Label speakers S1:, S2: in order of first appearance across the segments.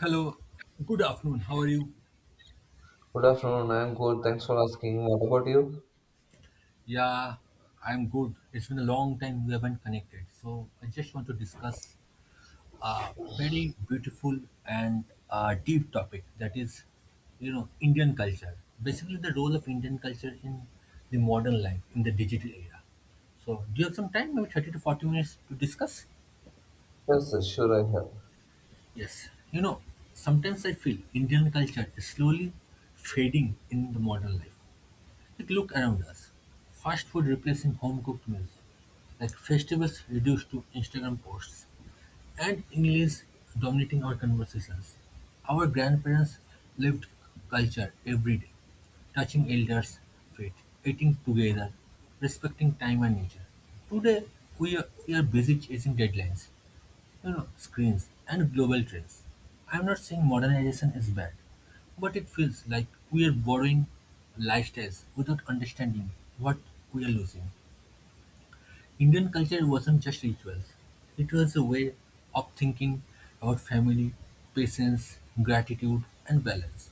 S1: Hello, good afternoon. How are you?
S2: Good afternoon. I'm good. Thanks for asking. What about you?
S1: Yeah, I'm good. It's been a long time we haven't connected. So I just want to discuss a very beautiful and deep topic that is, Indian culture. Basically, the role of Indian culture in the modern life, in the digital era. So, do you have some time, maybe 30 to 40 minutes to discuss?
S2: Yes, yes, sure. I have.
S1: Yes. Sometimes I feel Indian culture is slowly fading in the modern life. Take a look around us: fast food replacing home-cooked meals, like festivals reduced to Instagram posts, and English dominating our conversations. Our grandparents lived culture every day, touching elders' feet, eating together, respecting time and nature. Today, we are busy chasing deadlines, screens and global trends. I'm not saying modernization is bad, but it feels like we are borrowing lifestyles without understanding what we are losing. Indian culture wasn't just rituals, it was a way of thinking about family, patience, gratitude, and balance.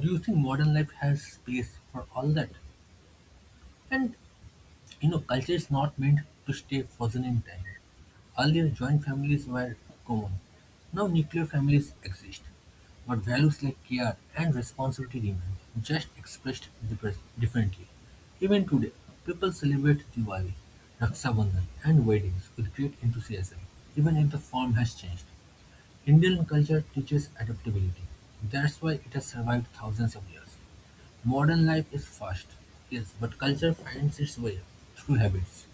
S1: Do you think modern life has space for all that? And culture is not meant to stay frozen in time. Earlier, joint families were common. Now, nuclear families exist. But values like care and responsibility remain, just expressed differently. Even today, people celebrate Diwali, Raksha Bandhan, and weddings with great enthusiasm, even if the form has changed. Indian culture teaches adaptability. That's why it has survived thousands of years. Modern life is fast, yes, but culture finds its way through habits,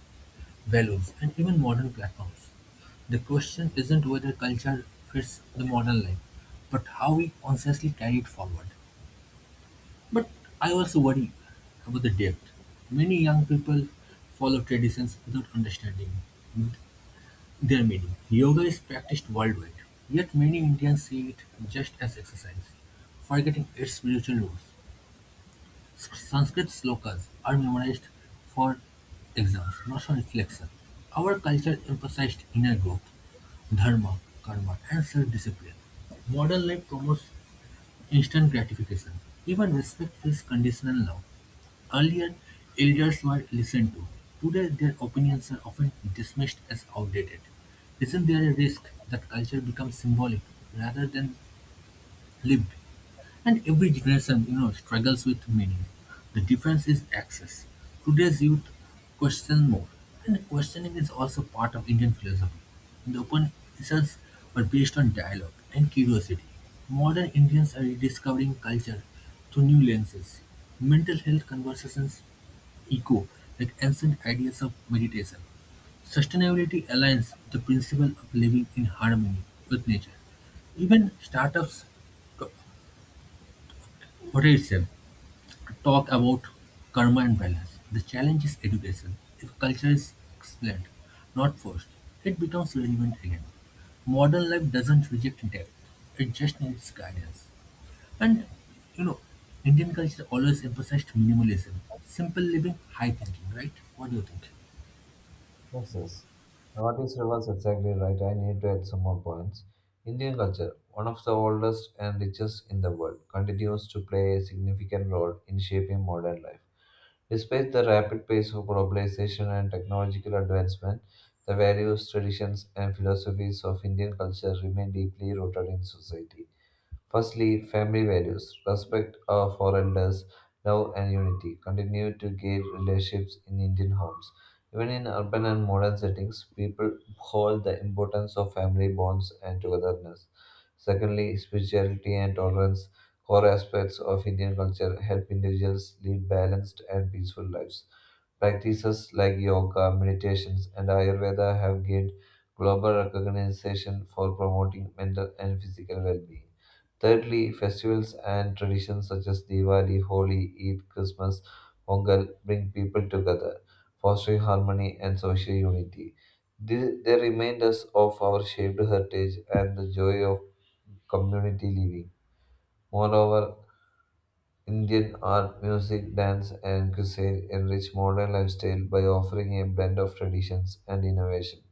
S1: values, and even modern platforms. The question isn't whether culture fits the modern life, but how we consciously carry it forward. But I also worry about the depth. Many young people follow traditions without understanding their meaning. Yoga is practiced worldwide, yet many Indians see it just as exercise, forgetting its spiritual roots. Sanskrit slokas are memorized for exams, not for reflection. Our culture emphasized inner growth, dharma, karma, and self-discipline. Modern life promotes instant gratification. Even respect feels conditional now. Earlier, elders were listened to. Today, their opinions are often dismissed as outdated. Isn't there a risk that culture becomes symbolic rather than lived? And every generation, struggles with meaning. The difference is access. Today's youth question more, and questioning is also part of Indian philosophy. The open results were based on dialogue and curiosity. Modern Indians are rediscovering culture through new lenses. Mental health conversations echo like ancient ideas of meditation. Sustainability aligns with the principle of living in harmony with nature. Even startups Horace talk about karma and balance. The challenge is education. If culture is explained, not forced, it becomes relevant again. Modern life doesn't reject depth, it just needs guidance. And you know, Indian culture always emphasized minimalism, simple living, high thinking, right? What do you think?
S2: Yes, yes. What is reverse? Exactly right. I need to add some more points. Indian culture, one of the oldest and richest in the world, continues to play a significant role in shaping modern life. Despite the rapid pace of globalization and technological advancement, the values, traditions, and philosophies of Indian culture remain deeply rooted in society. Firstly, family values, respect of for elders, love and unity continue to guide relationships in Indian homes. Even in urban and modern settings, people hold the importance of family bonds and togetherness. Secondly, spirituality and tolerance, core aspects of Indian culture, help individuals lead balanced and peaceful lives. Practices like yoga, meditations, and Ayurveda have gained global recognition for promoting mental and physical well being. Thirdly, festivals and traditions such as Diwali, Holi, Eid, Christmas, Pongal bring people together, fostering harmony and social unity. They remind us of our shared heritage and the joy of community living. Moreover, Indian art, music, dance, and cuisine enrich modern lifestyle by offering a blend of traditions and innovation.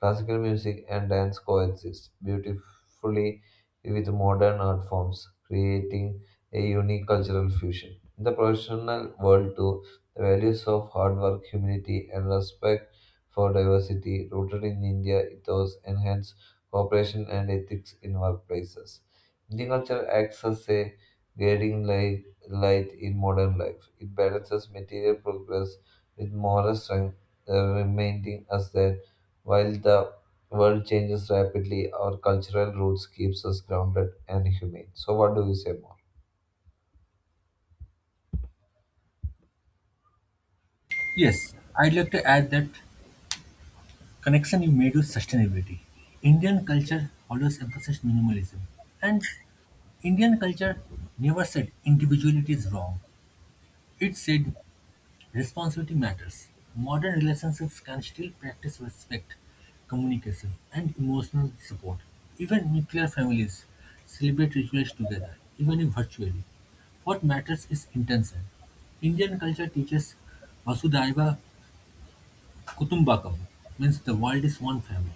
S2: Classical music and dance coexist beautifully with modern art forms, creating a unique cultural fusion. In the professional world, too, the values of hard work, humility, and respect for diversity rooted in India ethos enhance cooperation and ethics in workplaces. Indian culture acts as a guiding light in modern life. It balances material progress with moral strength, reminding us that while the world changes rapidly, our cultural roots keeps us grounded and humane. So, what do you say more?
S1: Yes, I'd like to add that connection you made with sustainability. Indian culture always emphasized minimalism, and Indian culture never said individuality is wrong. It said responsibility matters. Modern relationships can still practice respect, communication, and emotional support. Even nuclear families celebrate rituals together, even if virtually. What matters is intention. Indian culture teaches Vasudhaiva Kutumbakam, means the world is one family.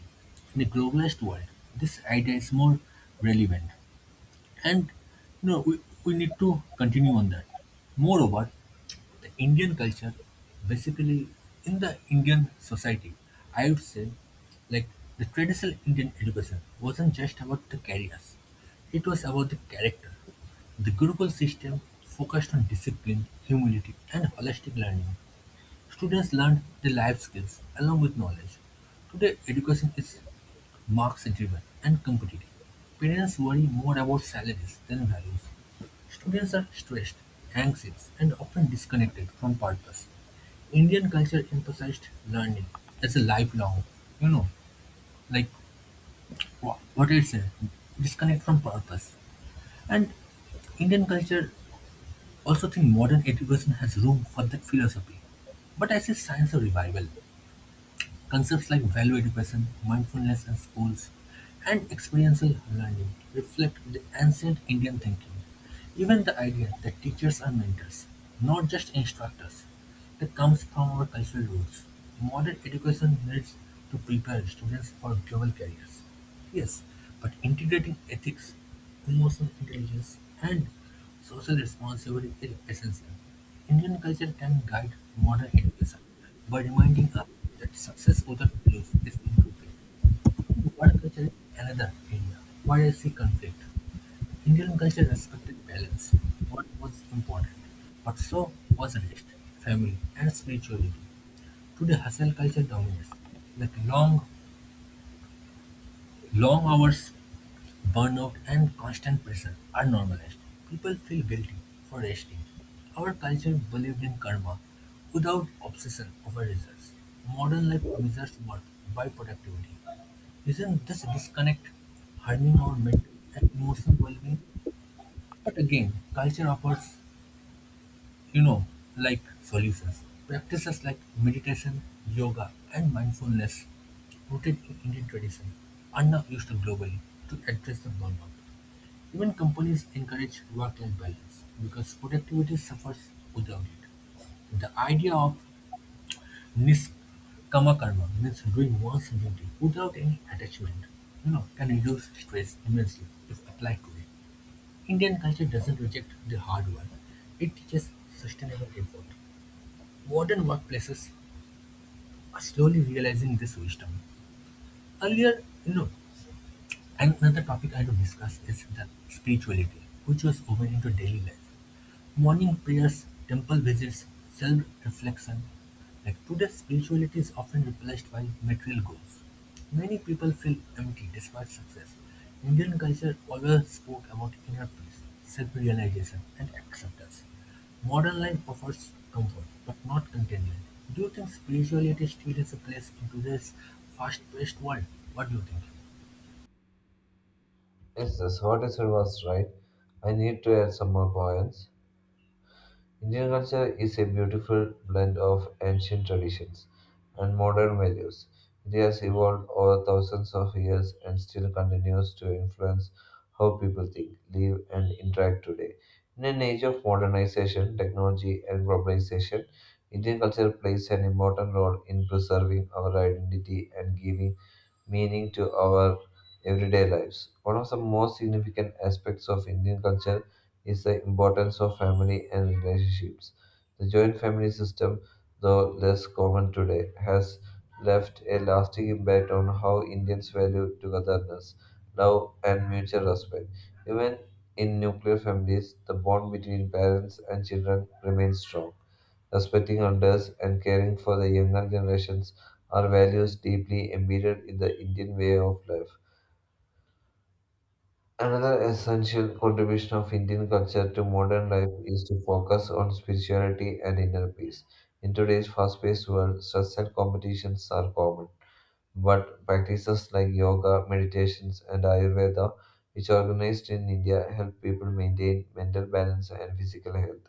S1: In a globalized world, this idea is more relevant. And we need to continue on that. Moreover, the Indian culture, basically in the Indian society, I would say, like the traditional Indian education wasn't just about the careers, it was about the character. The Gurukul system focused on discipline, humility, and holistic learning. Students learned the life skills along with knowledge. Today, education is marks driven and competitive. Parents worry more about salaries than values. Students are stressed, anxious, and often disconnected from purpose. Indian culture emphasized learning as a lifelong, you know, like what I said, disconnect from purpose. And Indian culture also think modern education has room for that philosophy. But I see signs of revival. Concepts like value education, mindfulness in schools, and experiential learning reflect the ancient Indian thinking. Even the idea that teachers are mentors, not just instructors, that comes from our cultural roots. Modern education needs to prepare students for global careers. Yes, but integrating ethics, emotional intelligence, and social responsibility is essential. Indian culture can guide modern education by reminding us that success without belief is incomplete. Work culture is another area where I see conflict. Indian culture respected balance, what was important, but so was rest, family, and spirituality. Today, hustle culture dominates, like long, long hours. Burnout and constant pressure are normalized. People feel guilty for resting. Our culture believed in karma without obsession over results. Modern life measures worth by productivity. Isn't this disconnect harming our mental and emotional well-being? But again, culture offers, you know, like solutions. Practices like meditation, yoga, and mindfulness, rooted in Indian tradition, are now used globally to address the burnout. Even companies encourage work-life balance because productivity suffers without it. The idea of nishkama karma means doing one's duty without any attachment, can reduce stress immensely if applied today. Indian culture doesn't reject the hard work; it teaches sustainable effort. Modern workplaces are slowly realizing this wisdom. Earlier, you know, another topic I had to discuss is the spirituality, which was woven into daily life. Morning prayers, temple visits, self-reflection. Like today, spirituality is often replaced by material goals. Many people feel empty despite success. Indian culture always spoke about inner peace, self-realization, and acceptance. Modern life offers comfort, but not contentment. Do you think spirituality still has a place in today's fast-paced world? What do you think?
S2: Yes, that's what is it was right. I need to add some more points. Indian culture is a beautiful blend of ancient traditions and modern values. It has evolved over thousands of years and still continues to influence how people think, live, and interact today. In an age of modernization, technology, and globalization, Indian culture plays an important role in preserving our identity and giving meaning to our everyday lives. One of the most significant aspects of Indian culture is the importance of family and relationships. The joint family system, though less common today, has left a lasting impact on how Indians value togetherness, love, and mutual respect. Even in nuclear families, the bond between parents and children remains strong. Respecting elders and caring for the younger generations are values deeply embedded in the Indian way of life. Another essential contribution of Indian culture to modern life is to focus on spirituality and inner peace. In today's fast paced world, stress and competitions are common, but practices like yoga, meditations, and Ayurveda, which are organized in India, help people maintain mental balance and physical health.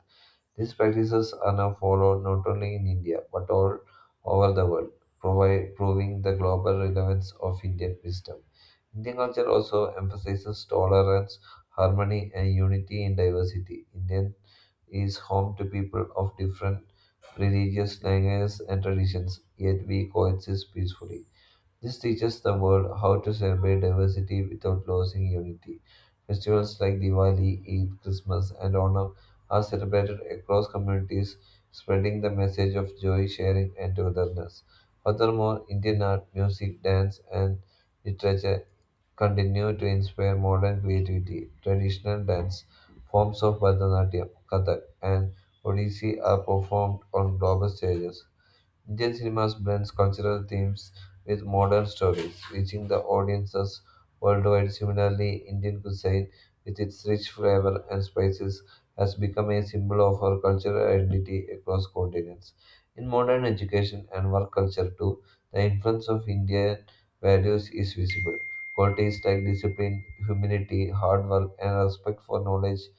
S2: These practices are now followed not only in India but all over the world, proving the global relevance of Indian wisdom. Indian culture also emphasizes tolerance, harmony, and unity in diversity. Indian is home to people of different religious languages and traditions, yet we coexist peacefully. This teaches the world how to celebrate diversity without losing unity. Festivals like Diwali, Eid, Christmas, and Onam are celebrated across communities, spreading the message of joy, sharing, and togetherness. Furthermore, Indian art, music, dance, and literature continue to inspire modern creativity. Traditional dance forms of Bharatanatyam, Kathak, and Odissi are performed on global stages. Indian cinemas blends cultural themes with modern stories, reaching the audiences worldwide. Similarly, Indian cuisine, with its rich flavor and spices, has become a symbol of our cultural identity across continents. In modern education and work culture, too, the influence of Indian values is visible. Qualities like discipline, humility, hard work, and respect for knowledge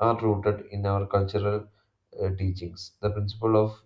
S2: are rooted in our cultural teachings. The principle of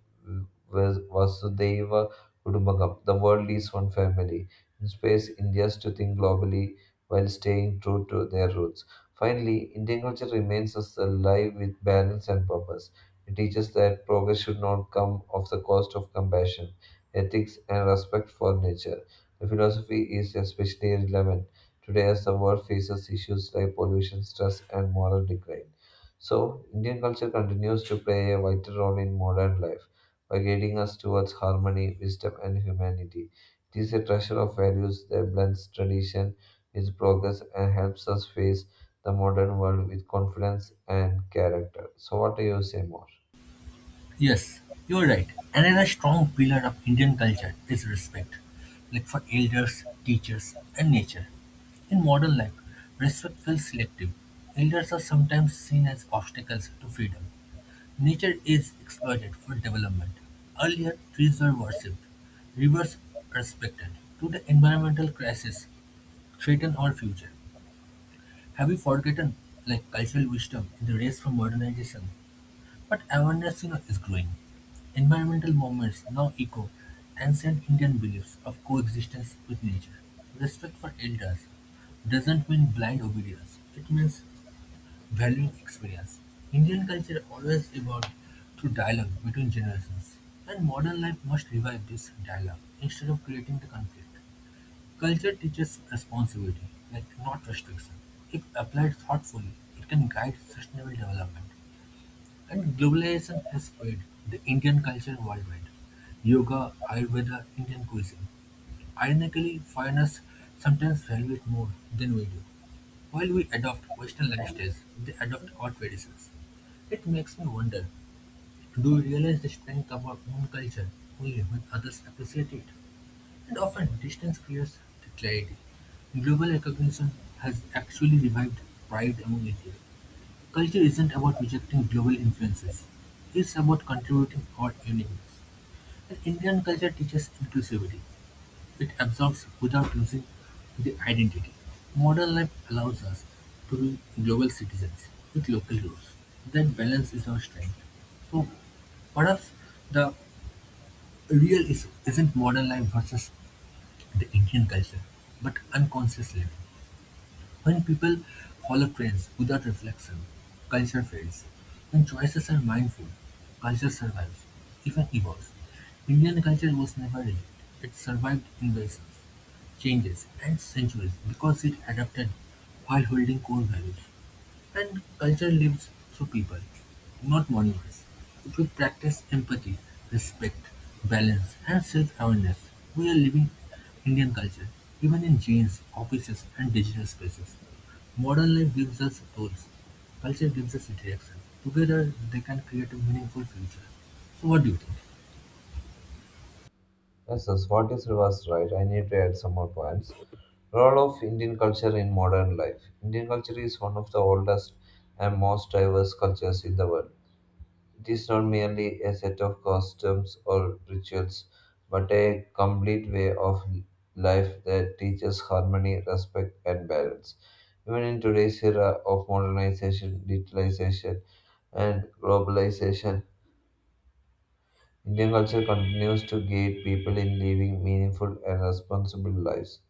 S2: Vasudeva Kudumbakam, the world is one family, inspires Indians to think globally while staying true to their roots. Finally, Indian culture remains us alive with balance and purpose. It teaches that progress should not come at the cost of compassion, ethics, and respect for nature. The philosophy is especially relevant today as the world faces issues like pollution, stress, and moral decline. So, Indian culture continues to play a vital role in modern life by guiding us towards harmony, wisdom, and humanity. It is a treasure of values that blends tradition with progress and helps us face the modern world with confidence and character. So, what do you say more?
S1: Yes, you're right. Another strong pillar of Indian culture is respect, like for elders, teachers, and nature. In modern life, respect feels selective. Elders are sometimes seen as obstacles to freedom. Nature is exploited for development. Earlier, trees were worshipped, rivers respected. Today, environmental crisis threaten our future. Have we forgotten like cultural wisdom in the race for modernization? But awareness, is growing. Environmental movements now echo ancient Indian beliefs of coexistence with nature. Respect for elders doesn't mean blind obedience. It means valuing experience. Indian culture always evolved through dialogue between generations, and modern life must revive this dialogue instead of creating the conflict. Culture teaches responsibility, like not restriction. If applied thoughtfully, it can guide sustainable development. And globalization has spread the Indian culture worldwide: yoga, Ayurveda, Indian cuisine. Ironically, foreigners sometimes value it more than we do. While we adopt Western lifestyles, they adopt our traditions. It makes me wonder, do we realize the strength of our own culture only when others appreciate it? And often distance creates the clarity. Global recognition has actually revived pride among Indians. Culture isn't about rejecting global influences. It's about contributing our uniqueness. And Indian culture teaches inclusivity. It absorbs without losing the identity. Modern life allows us to be global citizens with local roots. That balance is our strength. So for us, the real issue isn't modern life versus the Indian culture, but unconscious living. When people follow trends without reflection, culture fails. When choices are mindful, culture survives, even evolves. Indian culture was never rigid. It survived invasions, changes, and centuries because it adapted while holding core values. And culture lives through people, not monuments. If we practice empathy, respect, balance, and self awareness, we are living Indian culture, even in gyms, offices, and digital spaces. Modern life gives us tools, culture gives us direction. Together, they can create a meaningful future. So, what do you think?
S2: Yes, yes, what is reverse right? I need to add some more points. Role of Indian culture in modern life. Indian culture is one of the oldest and most diverse cultures in the world. It is not merely a set of customs or rituals, but a complete way of life that teaches harmony, respect, and balance. Even in today's era of modernization, digitalization, and globalization, Indian culture continues to guide people in living meaningful and responsible lives.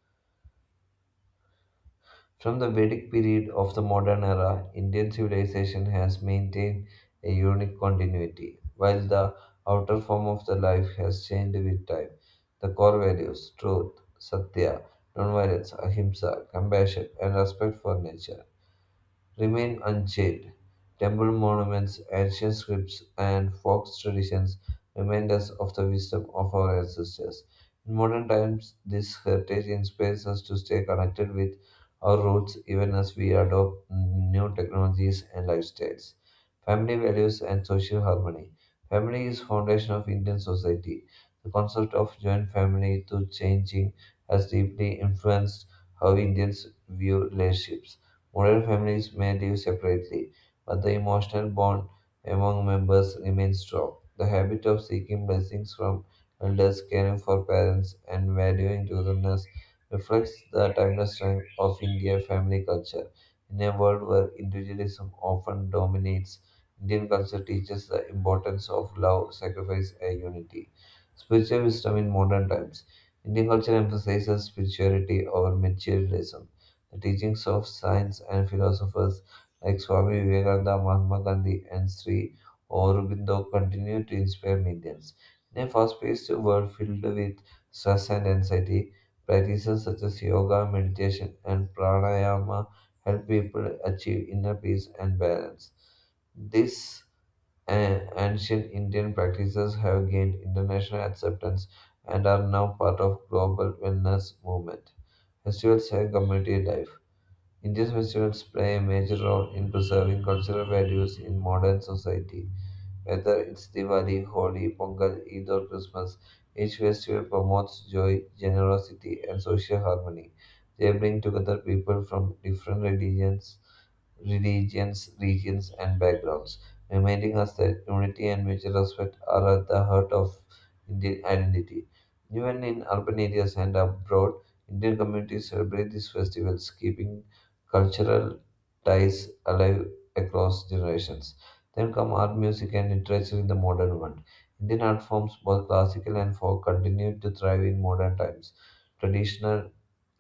S2: From the Vedic period of the modern era, Indian civilization has maintained a unique continuity, while the outer form of the life has changed with time. The core values, truth, satya, nonviolence, ahimsa, compassion, and respect for nature remain unchanged. Temple monuments, ancient scripts, and folk traditions remind us of the wisdom of our ancestors. In modern times, this heritage inspires us to stay connected with our roots even as we adopt new technologies and lifestyles. Family values and social harmony. Family is foundation of Indian society. The concept of joint family to changing has deeply influenced how Indians view relationships. Modern families may live separately, but the emotional bond among members remains strong. The habit of seeking blessings from elders, caring for parents, and valuing togetherness reflects the timeless strength of Indian family culture. In a world where individualism often dominates, Indian culture teaches the importance of love, sacrifice, and unity. Spiritual wisdom in modern times. Indian culture emphasizes spirituality over materialism. The teachings of saints and philosophers like Swami Vivekananda, Mahatma Gandhi, and Sri Aurobindo continue to inspire millions. In a fast paced world filled with stress and anxiety, practices such as yoga, meditation, and pranayama help people achieve inner peace and balance. These ancient Indian practices have gained international acceptance and are now part of global wellness movement, festivals, and community life. Indian festivals play a major role in preserving cultural values in modern society. Whether it's Diwali, Holi, Pongal, Eid, or Christmas, each festival promotes joy, generosity, and social harmony. They bring together people from different religions, regions, and backgrounds, reminding us that unity and mutual respect are at the heart of Indian identity. Even in urban areas and abroad, Indian communities celebrate these festivals, keeping cultural ties alive across generations. Then come art, music, and literature in the modern world. Indian art forms, both classical and folk, continue to thrive in modern times. Traditional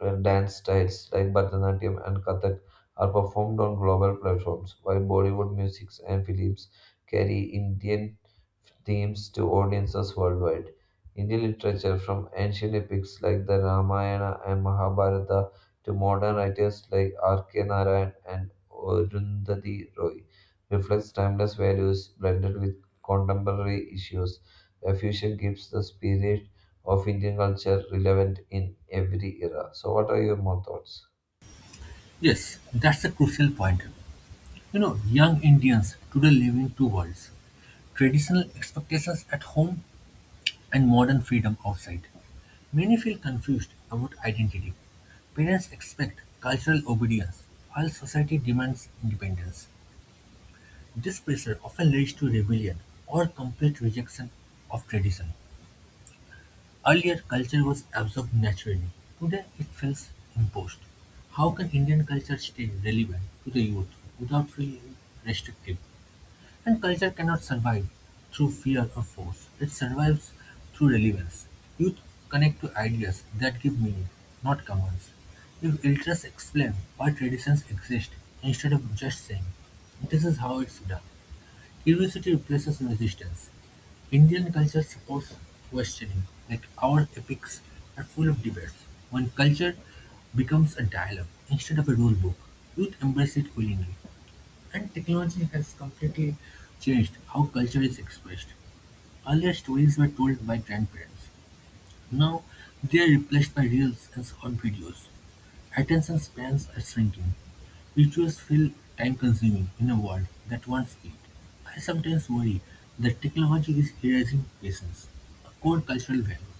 S2: dance styles like Bharatanatyam and Kathak are performed on global platforms, while Bollywood music and films carry Indian themes to audiences worldwide. Indian literature, from ancient epics like the Ramayana and Mahabharata to modern writers like R.K. Narayan and Arundhati Roy, reflects timeless values blended with contemporary issues. The fusion keeps the spirit of Indian culture relevant in every era. So, what are your more thoughts?
S1: Yes, that's a crucial point. Young Indians today live in two worlds, traditional expectations at home and modern freedom outside. Many feel confused about identity; parents expect cultural obedience, while society demands independence. This pressure often leads to rebellion or complete rejection of tradition. Earlier, culture was absorbed naturally. Today, it feels imposed. How can Indian culture stay relevant to the youth without feeling restrictive? And culture cannot survive through fear or force. It survives through relevance. Youth connect to ideas that give meaning, not commands. If elders explain why traditions exist instead of just saying, this is how it's done, curiosity replaces resistance. Indian culture supports questioning, like our epics are full of debates. When culture becomes a dialogue instead of a rule book, youth embrace it willingly. And technology has completely changed how culture is expressed. Earlier stories were told by grandparents. Now they are replaced by reels and short videos. Attention spans are shrinking. Rituals feel time consuming in a world that wants speed. I sometimes worry that technology is erasing patience, a core cultural value.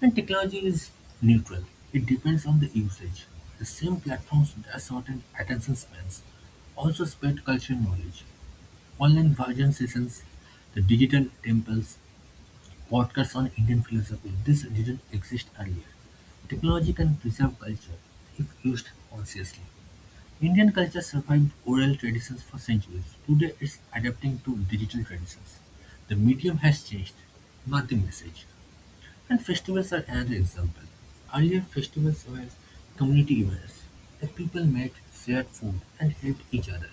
S1: And technology is neutral, it depends on the usage. The same platforms that shorten attention spans also spread cultural knowledge. Online version sessions, the digital temples, podcasts on Indian philosophy, this didn't exist earlier. Technology can preserve culture if used consciously. Indian culture survived oral traditions for centuries. Today it's adapting to digital traditions. The medium has changed, not the message. And festivals are another example. Earlier festivals were community events. The people met, shared food, and helped each other.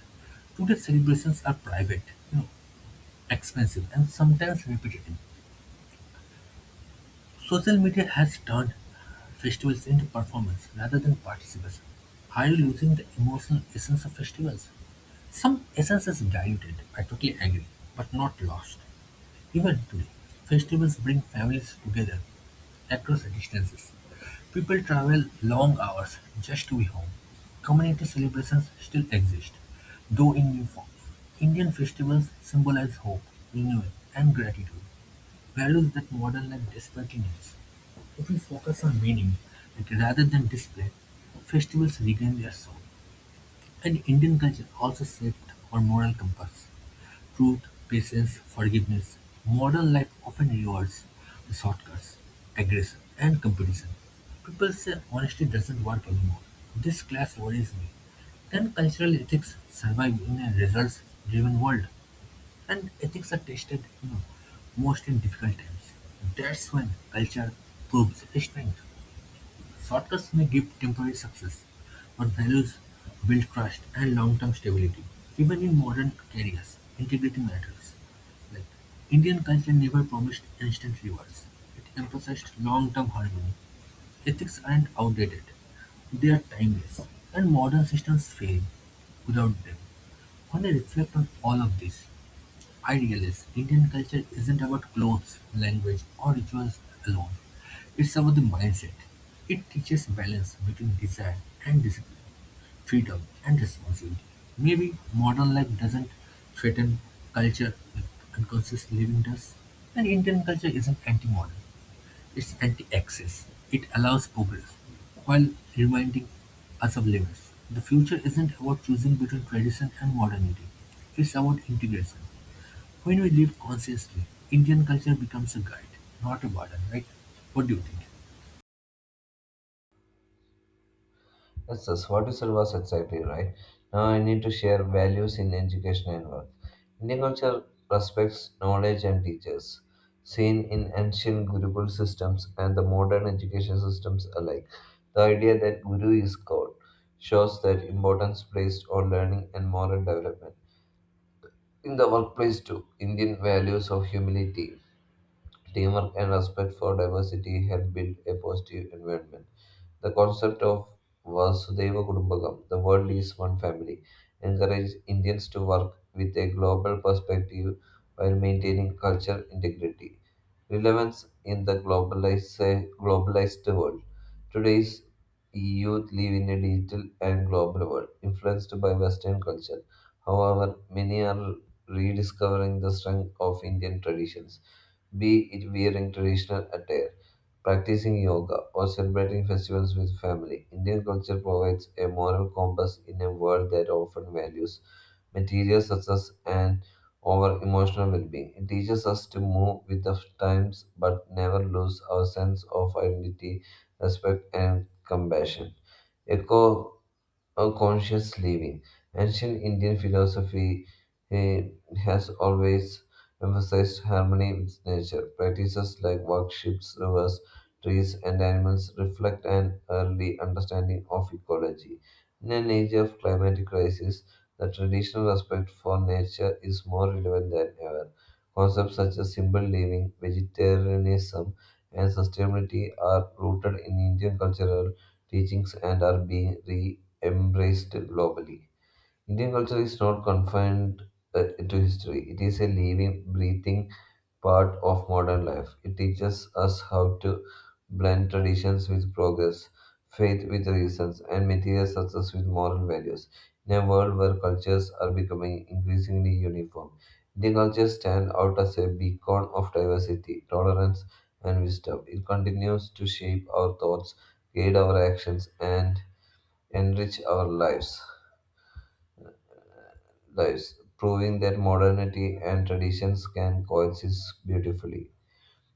S1: Today celebrations are private. You know, Expensive and sometimes repetitive, social media has turned festivals into performance rather than participation. Are you losing the emotional essence of festivals? Some essence is diluted, I totally agree, but not lost. Even today, festivals bring families together across distances. People travel long hours just to be home. Community celebrations still exist, though in new forms. Indian festivals symbolize hope, renewal, and gratitude. Values that modern life desperately needs. If we focus on meaning like, rather than display, festivals regain their soul. And Indian culture also shaped our moral compass. Truth, patience, forgiveness. Modern life often rewards the shortcuts, aggression, and competition. People say honesty doesn't work anymore. This clash worries me. Can cultural ethics survive in a results driven world? And ethics are tested, most in difficult times. That's when culture proves its strength. Shortcuts may give temporary success, but values build trust and long-term stability. Even in modern careers, integrity matters. Like Indian culture never promised instant rewards. It emphasized long-term harmony. Ethics aren't outdated. They are timeless, and modern systems fail without them. When I reflect on all of this, Idealist, Indian culture isn't about clothes, language, or rituals alone. It's about the mindset. It teaches balance between desire and discipline, freedom and responsibility. Maybe modern life doesn't threaten culture like unconscious living does. And Indian culture isn't anti modern, it's anti access. It allows progress while reminding us of limits. The future isn't about choosing between tradition and modernity, it's about integration. When we live consciously, Indian culture becomes a guide, not a burden, right? What do you think?
S2: Yes, yes, what you said was exactly right. Now I need to share values in education and work. Indian culture respects knowledge and teachers, seen in ancient Gurukul systems and the modern education systems alike. The idea that Guru is God shows that importance placed on learning and moral development. In the workplace too, Indian values of humility, teamwork and respect for diversity help build a positive environment. The concept of Vasudeva Kudumbakam, the world is one family, encourages Indians to work with a global perspective while maintaining cultural integrity. Relevance in the globalized world. Today's youth live in a digital and global world, influenced by Western culture. However, many are rediscovering the strength of Indian traditions, be it wearing traditional attire, practicing yoga, or celebrating festivals with family. Indian culture provides a moral compass in a world that often values material success and over emotional well being. It teaches us to move with the times but never lose our sense of identity, respect, and compassion. Echo on conscious living. Ancient Indian philosophy eh, has always emphasized harmony with nature. Practices like workshops, rivers, trees, and animals reflect an early understanding of ecology. In an age of climatic crisis, the traditional respect for nature is more relevant than ever. Concepts such as simple living, vegetarianism, and sustainability are rooted in Indian cultural teachings and are being re embraced globally. Indian culture is not confined to history, it is a living, breathing part of modern life. It teaches us how to blend traditions with progress, faith with reasons, and material success with moral values. In a world where cultures are becoming increasingly uniform, Indian culture stands out as a beacon of diversity, tolerance, and wisdom. It continues to shape our thoughts, guide our actions, and enrich our lives, proving that modernity and traditions can coexist beautifully.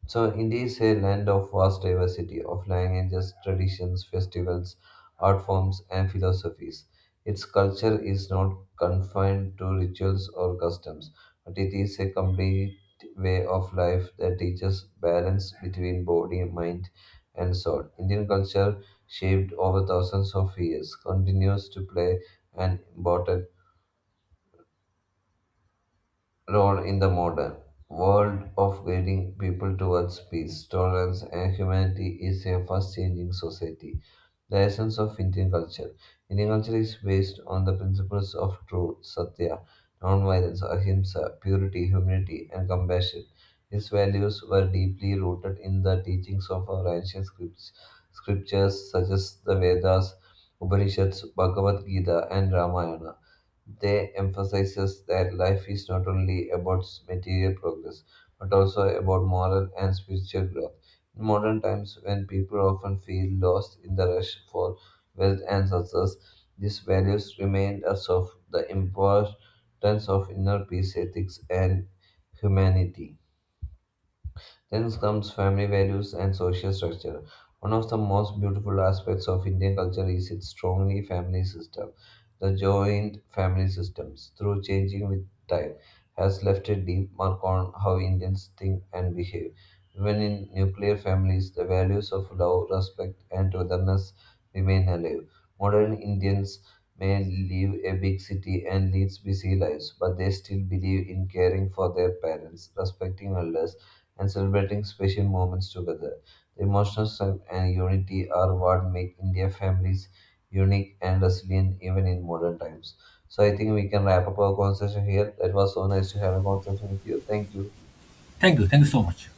S2: So, India is a land of vast diversity of languages, traditions, festivals, art forms, and philosophies. Its culture is not confined to rituals or customs, but it is a complete way of life that teaches balance between body, mind, and soul. Indian culture, shaped over thousands of years, continues to play an important role in the modern world of guiding people towards peace, tolerance, and humanity is a fast changing society. The essence of Indian culture. Indian culture is based on the principles of truth, satya, non-violence, ahimsa, purity, humility, and compassion. These values were deeply rooted in the teachings of our ancient scriptures such as the Vedas, Upanishads, Bhagavad Gita, and Ramayana. They emphasizes that life is not only about material progress, but also about moral and spiritual growth. In modern times, when people often feel lost in the rush for wealth and success, these values remind us of the importance of inner peace, ethics, and humanity. Then comes family values and social structure. One of the most beautiful aspects of Indian culture is its strongly family system. The joint family systems, through changing with time, has left a deep mark on how Indians think and behave. Even in nuclear families, the values of love, respect, and togetherness remain alive. Modern Indians may leave a big city and lead busy lives, but they still believe in caring for their parents, respecting elders, and celebrating special moments together. The emotional strength and unity are what make India families unique and resilient even in modern times. So I think we can wrap up our conversation here. It was so nice to have a conversation with you. Thank you.
S1: Thank you. Thank you so much.